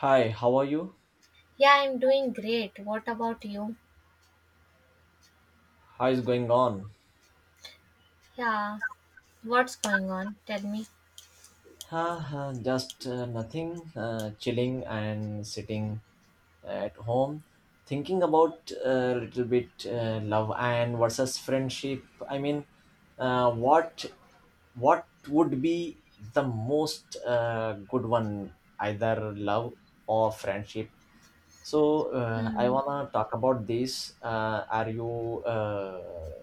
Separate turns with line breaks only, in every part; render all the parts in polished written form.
Hi, how are you?
Yeah, I'm doing great. What about you?
How is going on?
Yeah, what's going on? Tell me.
Just nothing, chilling and sitting at home, thinking about a little bit love and versus friendship. I mean, uh, what what would be the most good one, either love or friendship? So I
Hmm.
wanna talk about this. Are you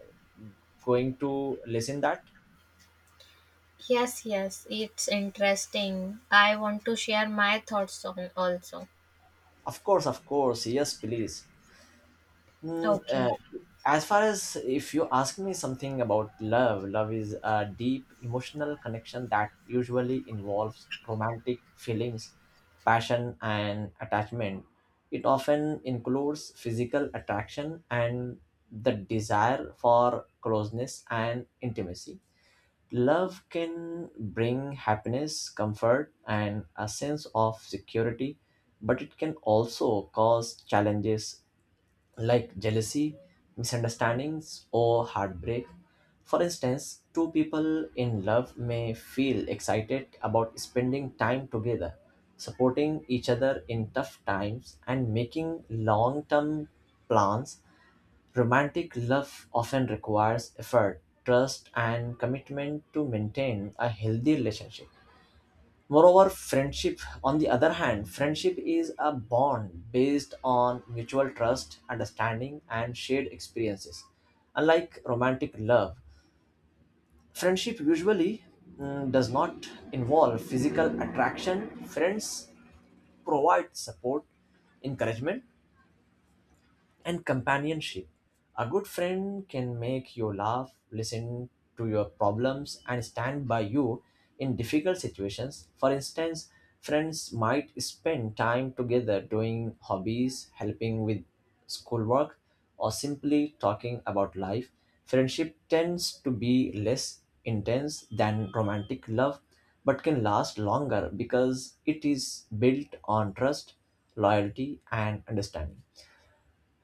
going to listen that?
Yes, yes, it's interesting. I want to share my thoughts on also.
Of course, of course. Yes, please. Mm,
Okay.
uh, as far as if you ask me something about love, love is a deep emotional connection that usually involves romantic feelings, passion, and attachment. It often includes physical attraction and the desire for closeness and intimacy. Love can bring happiness, comfort, and a sense of security, but it can also cause challenges like jealousy, misunderstandings, or heartbreak. For instance, two people in love may feel excited about spending time together, supporting each other in tough times, and making long term plans. Romantic love often requires effort, trust, and commitment to maintain a healthy relationship. Moreover, friendship, on the other hand, friendship is a bond based on mutual trust, understanding, and shared experiences. Unlike romantic love, friendship usually does not involve physical attraction. Friends provide support, encouragement, and companionship. A good friend can make you laugh, listen to your problems, and stand by you in difficult situations. For instance, friends might spend time together doing hobbies, helping with schoolwork, or simply talking about life. Friendship tends to be less intense than romantic love, but can last longer because it is built on trust, loyalty, and understanding.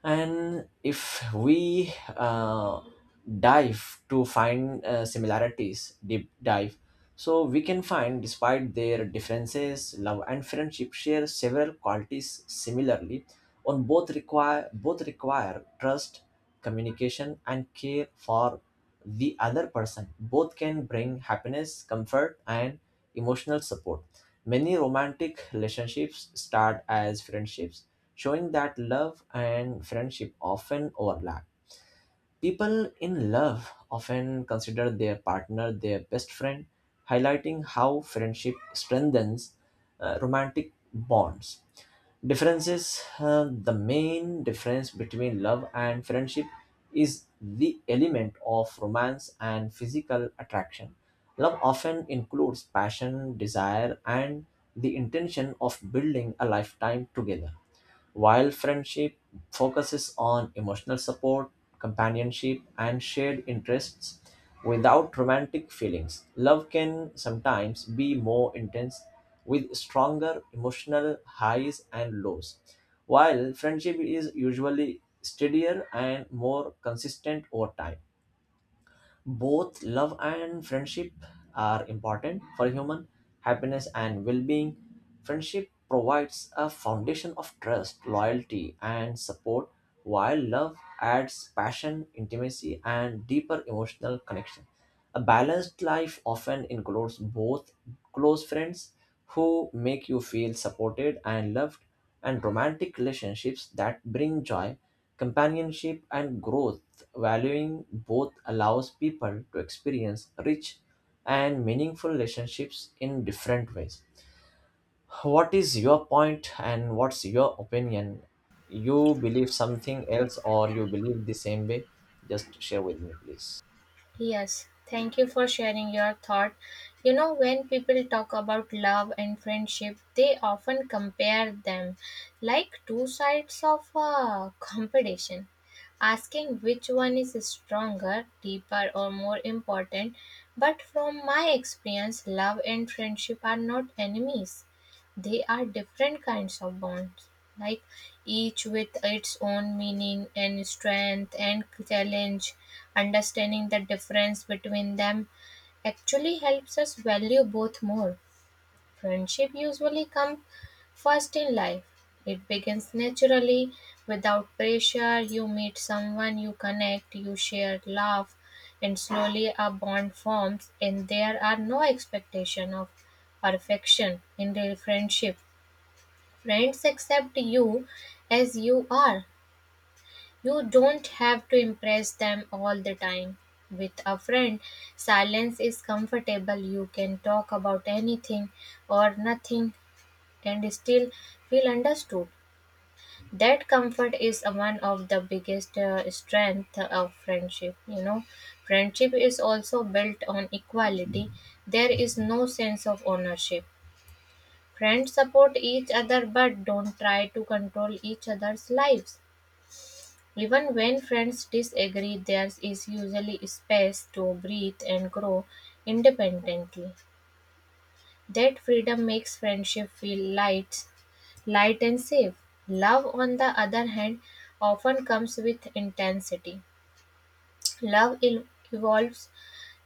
And if we dive to find similarities, deep dive, so we can find, despite their differences, love and friendship share several qualities similarly. On both require trust, communication, and care for the other person. Both can bring happiness, comfort, and emotional support. Many romantic relationships start as friendships, showing that love and friendship often overlap. People in love often consider their partner their best friend, highlighting how friendship strengthens romantic bonds. Differences. The main difference between love and friendship is the element of romance and physical attraction. Love often includes passion, desire, and the intention of building a lifetime together, while friendship focuses on emotional support, companionship, and shared interests without romantic feelings. Love can sometimes be more intense with stronger emotional highs and lows, while friendship is usually steadier and more consistent over time. Both love and friendship are important for human happiness and well being. Friendship provides a foundation of trust, loyalty, and support, while love adds passion, intimacy, and deeper emotional connection. A balanced life often includes both close friends who make you feel supported and loved, and romantic relationships that bring joy, companionship, and growth. Valuing both allows people to experience rich and meaningful relationships in different ways. What is your point and what's your opinion? You believe something else or you believe the same way? Just share with me, please.
Yes, thank you for sharing your thought. You know, when people talk about love and friendship, they often compare them like two sides of a competition, asking which one is stronger, deeper, or more important, but from my experience, love and friendship are not enemies. They are different kinds of bonds, like each with its own meaning and strength and challenge. Understanding the difference between them actually helps us value both more. Friendship usually comes first in life. It begins naturally, without pressure. You meet someone, you connect, you share, laugh, and slowly a bond forms, and there are no expectation of perfection in real friendship. Friends accept you as you are. You don't have to impress them all the time. With a friend, silence is comfortable. You can talk about anything or nothing and still feel understood. That comfort is one of the biggest strength of friendship. You know, friendship is also built on equality. There is no sense of ownership. Friends support each other but don't try to control each other's lives. Even when friends disagree, there is usually space to breathe and grow independently. That freedom makes friendship feel light, light and safe. Love, on the other hand, often comes with intensity. Love evolves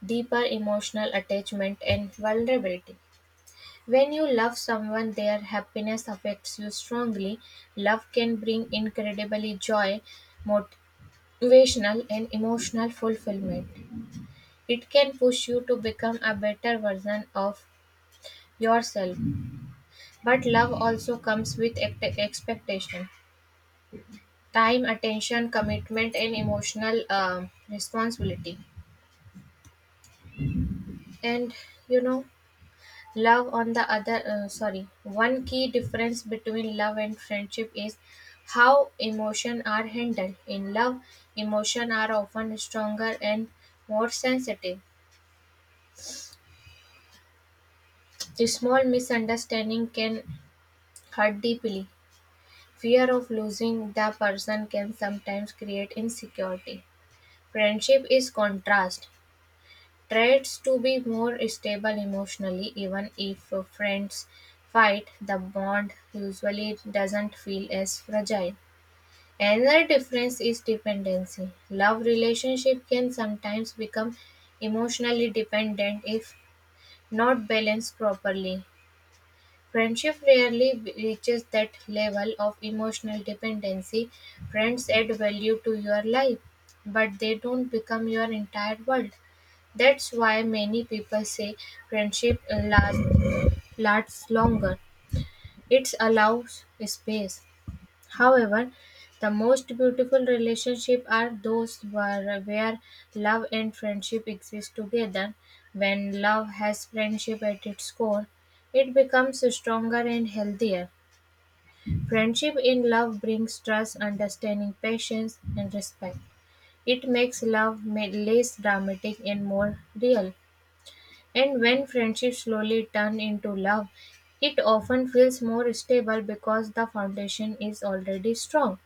deeper emotional attachment and vulnerability. When you love someone, their happiness affects you strongly. Love can bring incredibly joy, motivational, and emotional fulfillment. It can push you to become a better version of yourself. But love also comes with expectation, time, attention, commitment, and emotional responsibility. And you know, Love on the other sorry, one key difference between love and friendship is how emotion are handled. In love, emotion are often stronger and more sensitive. A small misunderstanding can hurt deeply. Fear of losing the person can sometimes create insecurity. Friendship is contrast. Tries to be more stable emotionally. Even if friends fight, the bond usually doesn't feel as fragile. Another difference is dependency. Love relationship can sometimes become emotionally dependent if not balanced properly. Friendship rarely reaches that level of emotional dependency. Friends add value to your life, but they don't become your entire world. That's why many people say friendship lasts, lasts longer. It allows space. However, the most beautiful relationships are those where love and friendship exist together. When love has friendship at its core, it becomes stronger and healthier. Friendship in love brings trust, understanding, patience, and respect. It makes love less dramatic and more real. And when friendships slowly turn into love, it often feels more stable because the foundation is already strong.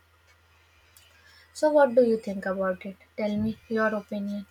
So, what do you think about it? Tell me your opinion.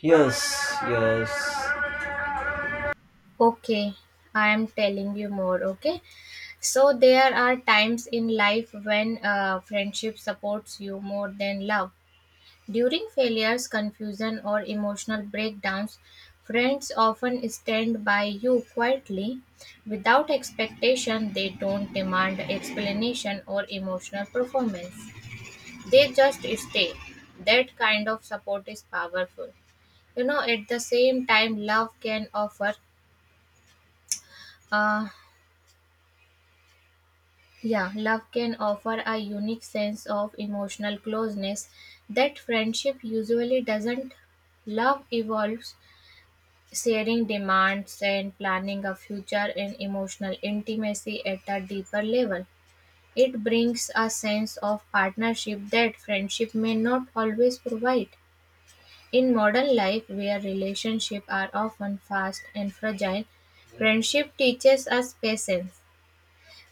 Yes, yes.
Okay, I am telling you more. Okay, so there are times in life when friendship supports you more than love. During failures, confusion, or emotional breakdowns, friends often stand by you quietly, without expectation. They don't demand explanation or emotional performance, they just stay. That kind of support is powerful. You know, at the same time love can offer uh yeah love can offer a unique sense of emotional closeness that friendship usually doesn't. Love evolves sharing demands and planning a future and emotional intimacy at a deeper level. It brings a sense of partnership that friendship may not always provide. In modern life, where relationships are often fast and fragile, friendship teaches us patience,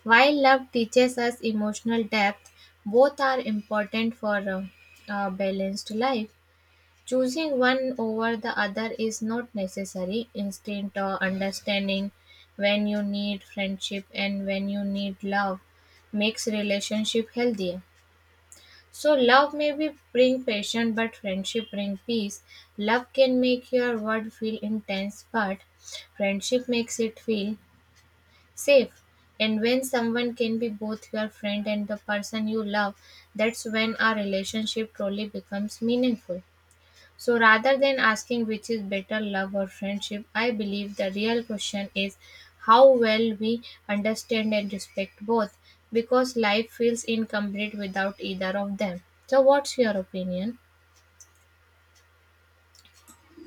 while love teaches us emotional depth. Both are important for a balanced life. Choosing one over the other is not necessary. Instinct or understanding when you need friendship and when you need love makes relationship healthier. So love may be bring passion, but friendship bring peace. Love can make your world feel intense, but friendship makes it feel safe. And when someone can be both your friend and the person you love, that's when our relationship truly becomes meaningful. So rather than asking which is better, love or friendship, I believe the real question is how well we understand and respect both, because life feels incomplete without either of them. So, what's your opinion?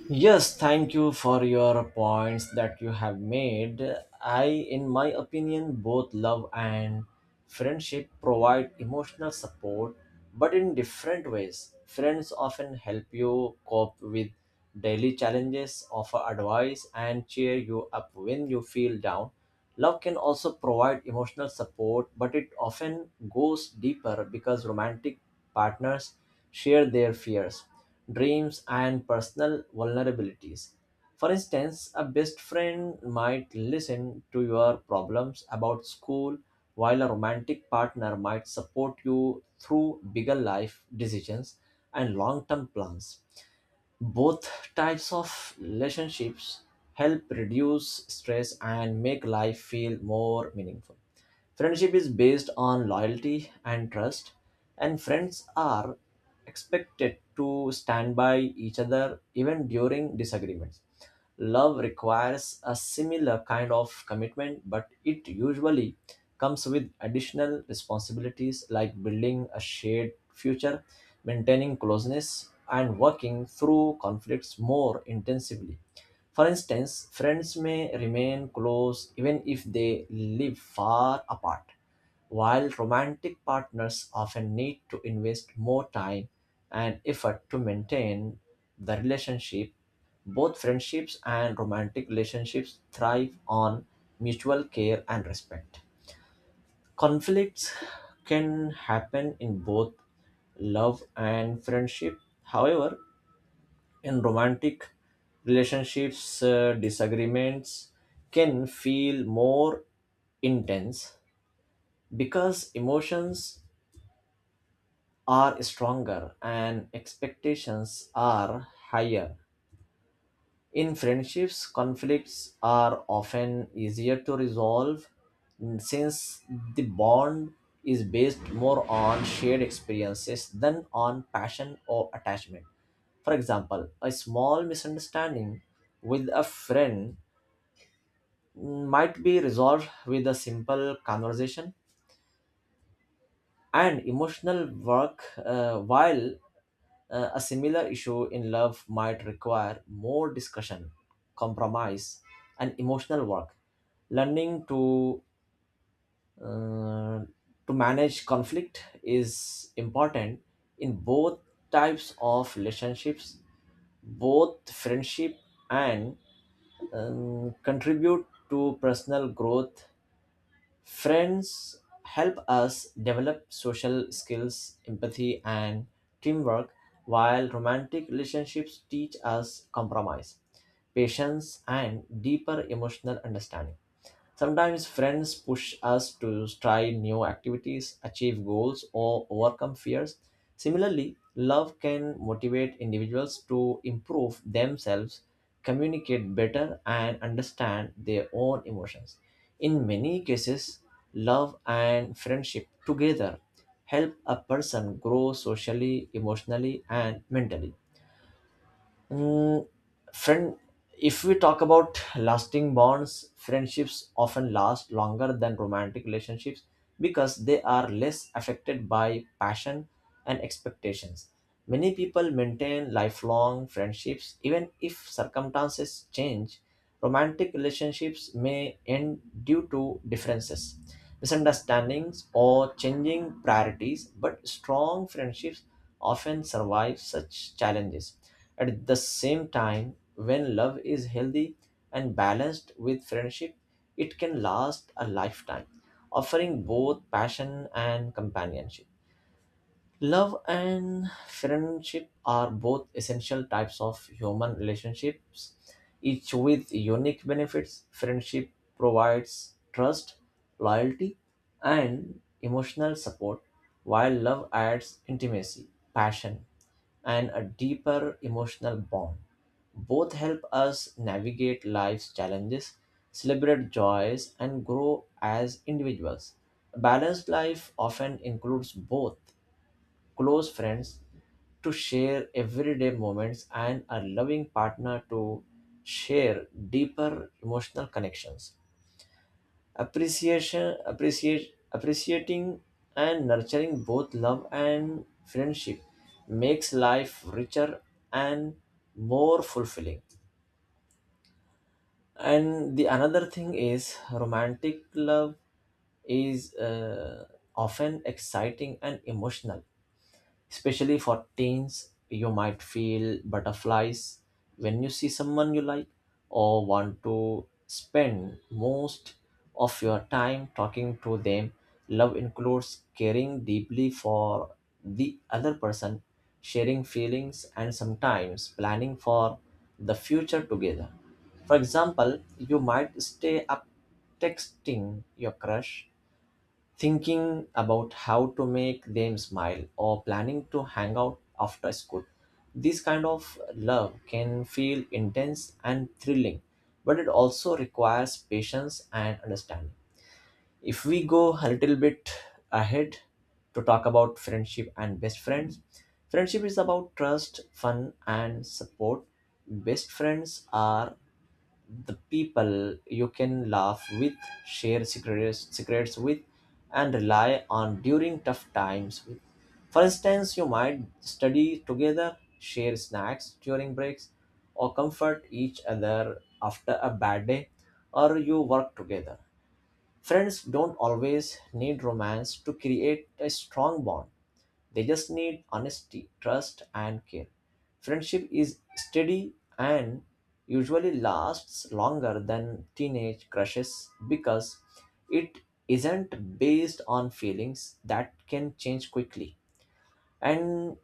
Yes, thank you for your points that you have made. I, in my opinion, both love and friendship provide emotional support, but in different ways. Friends often help you cope with daily challenges, offer advice, and cheer you up when you feel down. Love can also provide emotional support, but it often goes deeper because romantic partners share their fears, dreams, and personal vulnerabilities. For instance, a best friend might listen to your problems about school, while a romantic partner might support you through bigger life decisions and long term plans. Both types of relationships help reduce stress and make life feel more meaningful. Friendship is based on loyalty and trust, and friends are expected to stand by each other even during disagreements. Love requires a similar kind of commitment, but it usually comes with additional responsibilities like building a shared future, maintaining closeness, and working through conflicts more intensively. For instance, friends may remain close even if they live far apart, while romantic partners often need to invest more time and effort to maintain the relationship. Both friendships and romantic relationships thrive on mutual care and respect. Conflicts can happen in both love and friendship. However, in romantic relationships, disagreements can feel more intense because emotions are stronger and expectations are higher. In friendships, conflicts are often easier to resolve since the bond is based more on shared experiences than on passion or attachment. For example, a small misunderstanding with a friend might be resolved with a simple conversation and emotional work, while a similar issue in love might require more discussion, compromise, and emotional work. Learning uh, to manage conflict is important in both types of relationships. Both friendship and contribute to personal growth. Friends help us develop social skills, empathy, and teamwork, while romantic relationships teach us compromise, patience, and deeper emotional understanding. Sometimes friends push us to try new activities, achieve goals, or overcome fears. Similarly, love can motivate individuals to improve themselves, communicate better, and understand their own emotions. In many cases, love and friendship together help a person grow socially, emotionally, and mentally. Mm, friend, if we talk about lasting bonds, friendships often last longer than romantic relationships because they are less affected by passion and expectations. Many people maintain lifelong friendships even if circumstances change. Romantic relationships may end due to differences, misunderstandings, or changing priorities, but strong friendships often survive such challenges. At the same time, when love is healthy and balanced with friendship, it can last a lifetime, offering both passion and companionship. Love and friendship are both essential types of human relationships, each with unique benefits. Friendship provides trust, loyalty, and emotional support, while love adds intimacy, passion, and a deeper emotional bond. Both help us navigate life's challenges, celebrate joys, and grow as individuals. A balanced life often includes both close friends to share everyday moments, and a loving partner to share deeper emotional connections. Appreciation, appreciate, appreciating and nurturing both love and friendship makes life richer and more fulfilling. And the another thing is romantic love is often exciting and emotional. Especially for teens, you might feel butterflies when you see someone you like or want to spend most of your time talking to them. Love includes caring deeply for the other person, sharing feelings, and sometimes planning for the future together. For example, you might stay up texting your crush, thinking about how to make them smile or planning to hang out after school. This kind of love can feel intense and thrilling, but it also requires patience and understanding. If we go a little bit ahead to talk about friendship and best friends, friendship is about trust, fun, and support. Best friends are the people you can laugh with, share secrets with, and rely on during tough times with. For instance, you might study together, share snacks during breaks, or comfort each other after a bad day, or you work together. Friends don't always need romance to create a strong bond. They just need honesty, trust, and care. Friendship is steady and usually lasts longer than teenage crushes because it isn't based on feelings that can change quickly. And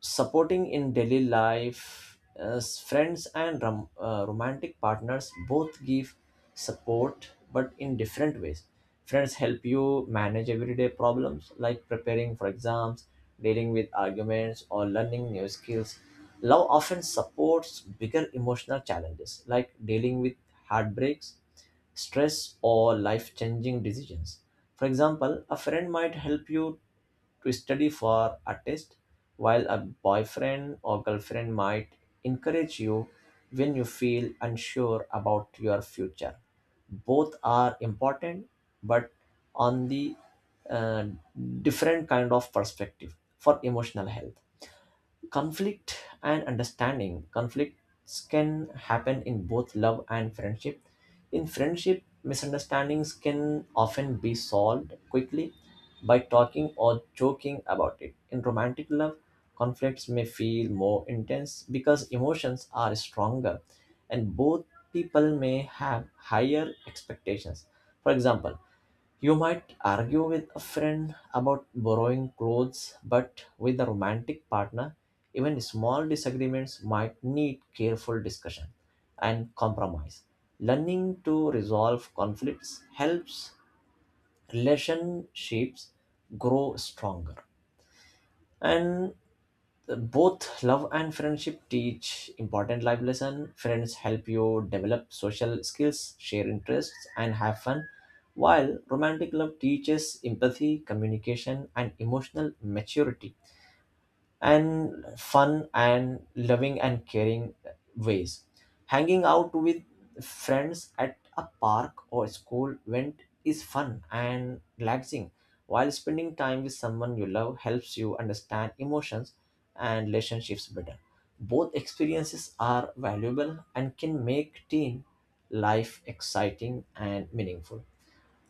supporting in daily life, as friends and romantic partners both give support but in different ways. Friends help you manage everyday problems like preparing for exams, dealing with arguments, or learning new skills. Love often supports bigger emotional challenges like dealing with heartbreaks, stress, or life changing decisions. For example, a friend might help you to study for a test, while a boyfriend or girlfriend might encourage you when you feel unsure about your future. Both are important, but on the uh, different kind of perspective for emotional health. Conflict and understanding. Conflicts can happen in both love and friendship. In friendship, misunderstandings can often be solved quickly by talking or joking about it. In romantic love, conflicts may feel more intense because emotions are stronger and both people may have higher expectations. For example, you might argue with a friend about borrowing clothes, but with a romantic partner, even small disagreements might need careful discussion and compromise. Learning to resolve conflicts helps relationships grow stronger. And both love and friendship teach important life lesson. Friends help you develop social skills, share interests, and have fun, while romantic love teaches empathy, communication, and emotional maturity, and fun and loving and caring ways. Hanging out with friends at a park or school event is fun and relaxing, while spending time with someone you love helps you understand emotions and relationships better. Both experiences are valuable and can make teen life exciting and meaningful.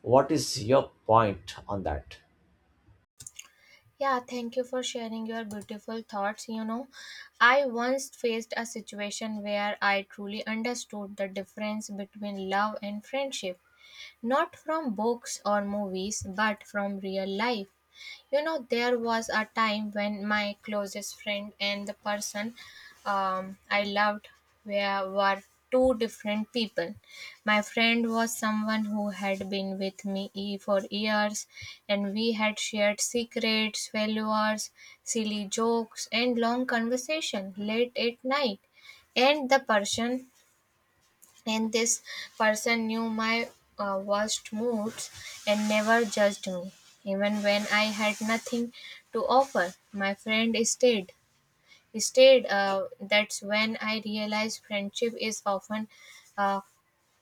What is your point on that?
Yeah, thank you for sharing your beautiful thoughts. You know, I once faced a situation where I truly understood the difference between love and friendship, not from books or movies, but from real life. You know, there was a time when my closest friend and the person I loved were two different people. My friend was someone who had been with me for years, and we had shared secrets, failures, silly jokes, and long conversation late at night. And the person and this person knew my worst moods and never judged me. Even when I had nothing to offer, my friend stayed. That's when I realized friendship is often uh,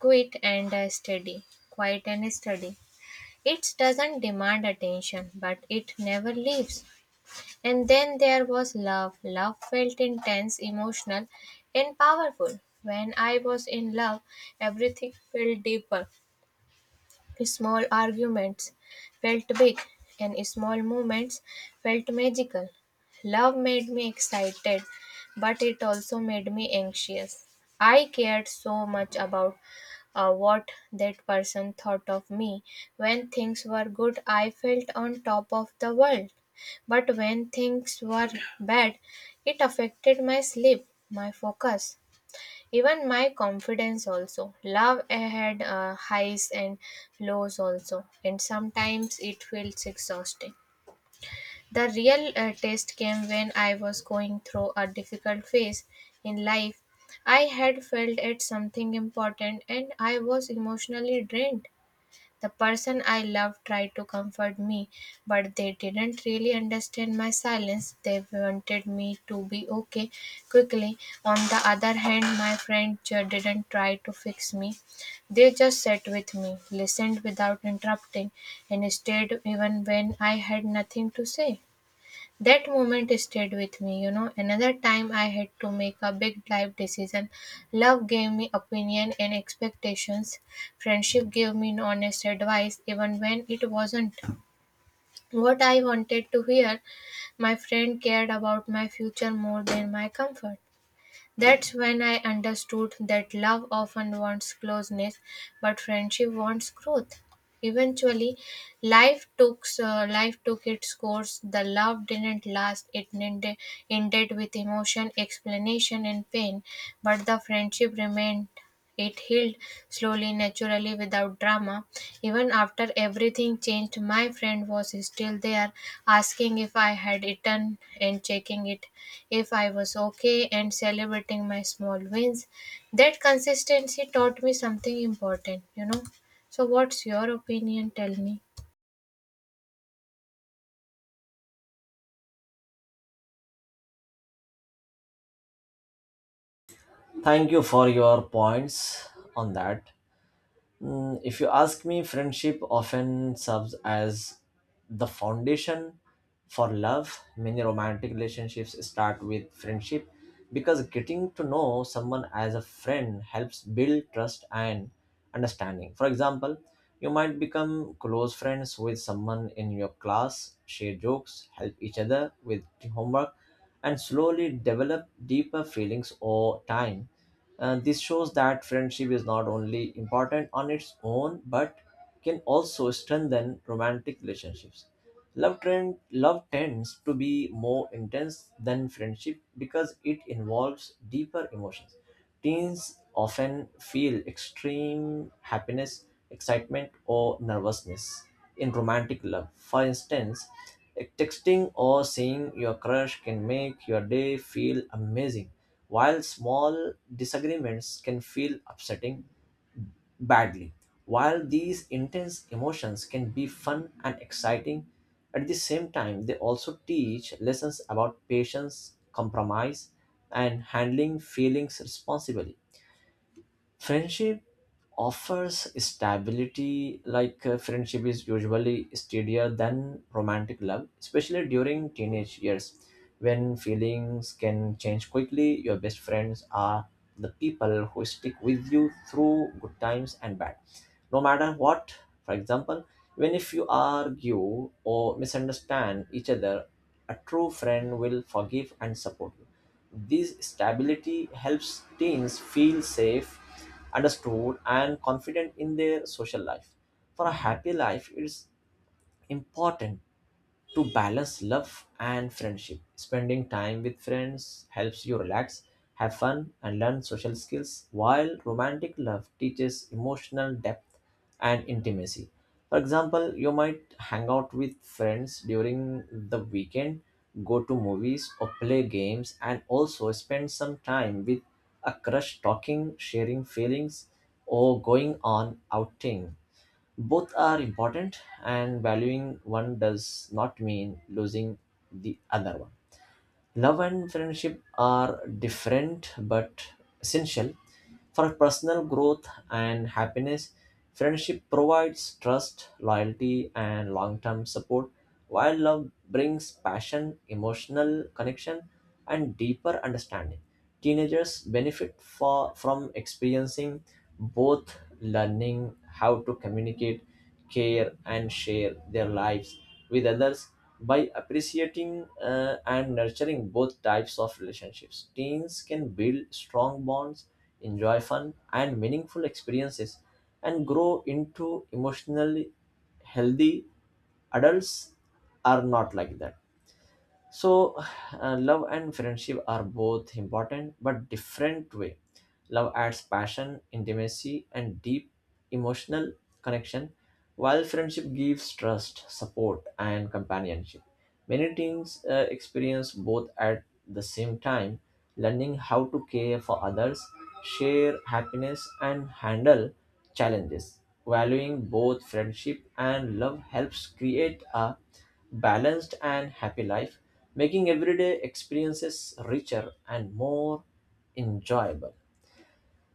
quiet and uh, steady quiet and steady. It doesn't demand attention, but it never leaves. And then there was love. Love felt intense, emotional, and powerful. When I was in love, everything felt deeper. Small arguments felt big, and small moments felt magical. Love made me excited, but it also made me anxious. I cared so much about what that person thought of me. When things were good, I felt on top of the world. But when things were bad, it affected my sleep, my focus, even my confidence also. Love had highs and lows also, and sometimes it feels exhausting. The real test came when I was going through a difficult phase in life. I had failed at something important and I was emotionally drained. The person I loved tried to comfort me, but they didn't really understand my silence. They wanted me to be okay quickly. On the other hand, my friend didn't try to fix me. They just sat with me, listened without interrupting, and stayed even when I had nothing to say. That moment stayed with me, you know. Another time I had to make a big life decision. Love gave me opinion and expectations. Friendship gave me honest advice even when it wasn't what I wanted to hear. My friend cared about my future more than my comfort. That's when I understood that love often wants closeness, but friendship wants growth. Eventually, life took its course. The love didn't last. It ended with emotion, explanation, and pain, but the friendship remained. It healed slowly, naturally, without drama. Even after everything changed, my friend was still there, asking if I had eaten and checking it if I was okay and celebrating my small wins. That consistency taught me something important, you know. So, what's your opinion? Tell me.
Thank you for your points on that. Mm, if you ask me, friendship often serves as the foundation for love. Many romantic relationships start with friendship because getting to know someone as a friend helps build trust and understanding. For example, you might become close friends with someone in your class, share jokes, help each other with homework, and slowly develop deeper feelings over time, and this shows that friendship is not only important on its own but can also strengthen romantic relationships. Love tends to be more intense than friendship because it involves deeper emotions. Teens often feel extreme happiness, excitement, or nervousness in romantic love. For instance, texting or seeing your crush can make your day feel amazing, while small disagreements can feel upsetting badly, while these intense emotions can be fun and exciting, at the same time, they also teach lessons about patience, compromise, and handling feelings responsibly. Friendship offers stability. Friendship is usually steadier than romantic love, especially during teenage years when feelings can change quickly. Your best friends are the people who stick with you through good times and bad, no matter what. For example, even if you argue or misunderstand each other, a true friend will forgive and support you. This stability helps teens feel safe, understood, and confident in their social life. For a happy life, it's important to balance love and friendship. Spending time with friends helps you relax, have fun, and learn social skills, while romantic love teaches emotional depth and intimacy. For example, you might hang out with friends during the weekend, go to movies, or play games, and also spend some time with a crush talking, sharing feelings, or going on outing. Both are important, and valuing one does not mean losing the other one. Love and friendship are different but essential for personal growth and happiness. Friendship provides trust, loyalty, and long term support, while love brings passion, emotional connection, and deeper understanding. Teenagers benefit from experiencing both, learning how to communicate, care, and share their lives with others. By appreciating and nurturing both types of relationships, teens can build strong bonds, enjoy fun and meaningful experiences, and grow into emotionally healthy adults are not like that. So, love and friendship are both important but different way. Love adds passion, intimacy, and deep emotional connection, while friendship gives trust, support, and companionship. Many teens experience both at the same time, learning how to care for others, share happiness, and handle challenges. Valuing both friendship and love helps create a balanced and happy life, making everyday experiences richer and more enjoyable.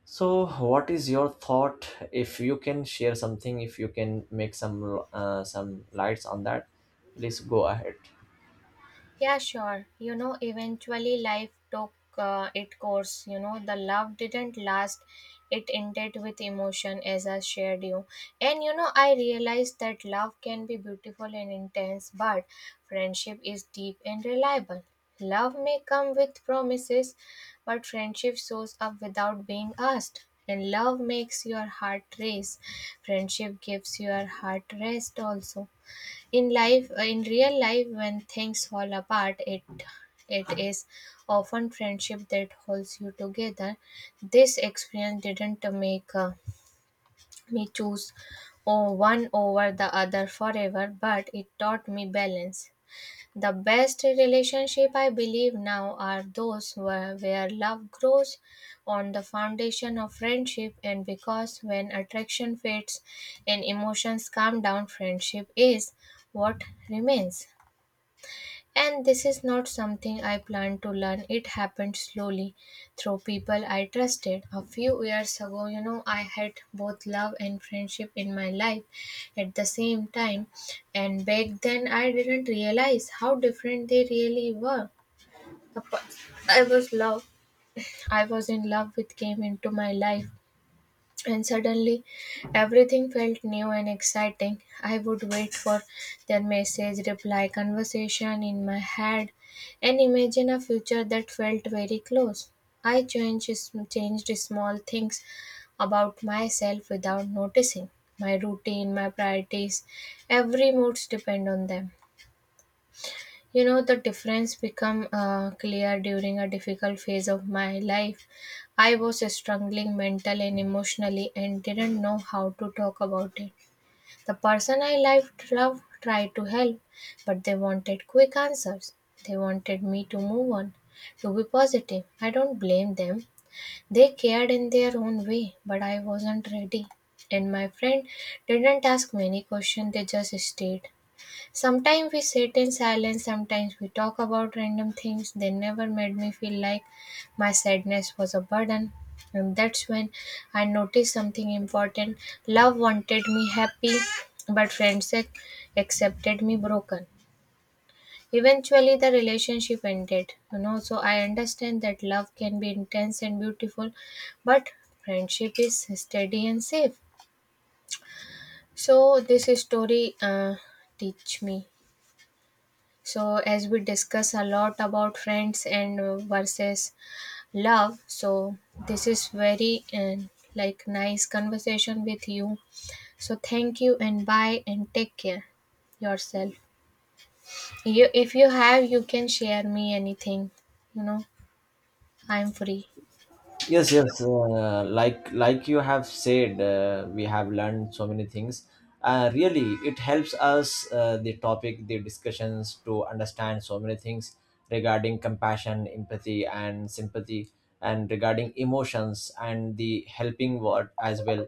So, what is your thought? If you can share something, if you can make some lights on that, please go ahead.
Yeah, sure. You know, eventually life took its course. You know, the love didn't last. It ended with emotion, as I shared you. And you know, I realized that love can be beautiful and intense, but friendship is deep and reliable. Love may come with promises, but friendship shows up without being asked. And love makes your heart race. Friendship gives your heart rest also. In life in real life, when things fall apart, it is often friendship that holds you together. This experience didn't make me choose oh, one over the other forever, but it taught me balance. The best relationship I believe now, are those where love grows on the foundation of friendship, and because when attraction fades and emotions calm down, friendship is what remains. And this is not something I planned to learn. It happened slowly through people I trusted. A few years ago, you know, I had both love and friendship in my life at the same time. And back then, I didn't realize how different they really were. The per- I was love. I was in love with came into my life, and suddenly everything felt new and exciting. I would wait for their message, reply, conversation in my head, and imagine a future that felt very close. I changed small things about myself without noticing. My routine, my priorities, every moods depend on them. You know, the difference become clear during a difficult phase of my life. I was struggling mentally and emotionally and didn't know how to talk about it. The person I loved tried to help, but they wanted quick answers. They wanted me to move on, to be positive. I don't blame them. They cared in their own way, but I wasn't ready. And my friend didn't ask many questions, they just stayed. Sometimes we sit in silence, sometimes we talk about random things. They never made me feel like my sadness was a burden. And that's when I noticed something important. Love wanted me happy, but friendship accepted me broken. Eventually, the relationship ended. You know, so I understand that love can be intense and beautiful, but friendship is steady and safe. So, this story teach me. So, as we discuss a lot about friends and versus love, so this is very like nice conversation with you. So, thank you and bye and take care yourself. You, if you have, you can share me anything. You know, I'm free.
Yes, yes, like you have said, we have learned so many things. Really, it helps us, the topic, the discussions, to understand so many things regarding compassion, empathy and sympathy, and regarding emotions and the helping word as well.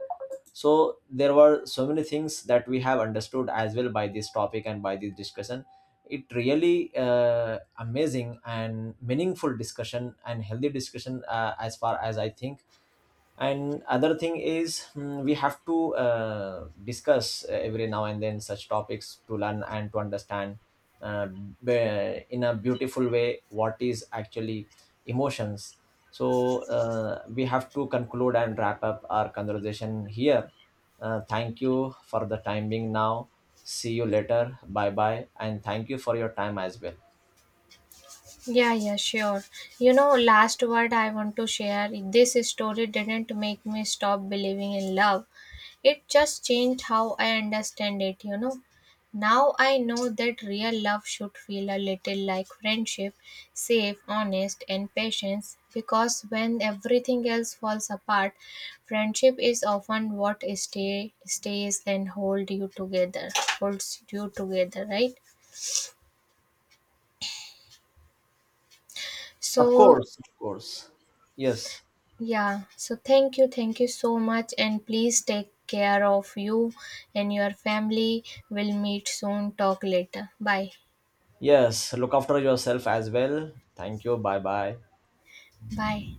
So there were so many things that we have understood as well by this topic and by this discussion. It really amazing and meaningful discussion and healthy discussion, as far as I think. And other thing is, we have to discuss every now and then such topics to learn and to understand, uh, in a beautiful way what is actually emotions. So we have to conclude and wrap up our conversation here. Thank you for the time being now. See you later, bye bye, and thank you for your time as well.
Yeah, yeah, sure. You know, last word I want to share, this story didn't make me stop believing in love. It just changed how I understand it, you know. Now I know that real love should feel a little like friendship, safe, honest, and patience, because when everything else falls apart, friendship is often what stays and holds you together, right?
Of
So
course, of course. Yes,
yeah, so thank you so much, and please take care of you and your family. We'll meet soon, talk later. Bye.
yes. Look after yourself as well. Thank you. Bye bye.
Bye.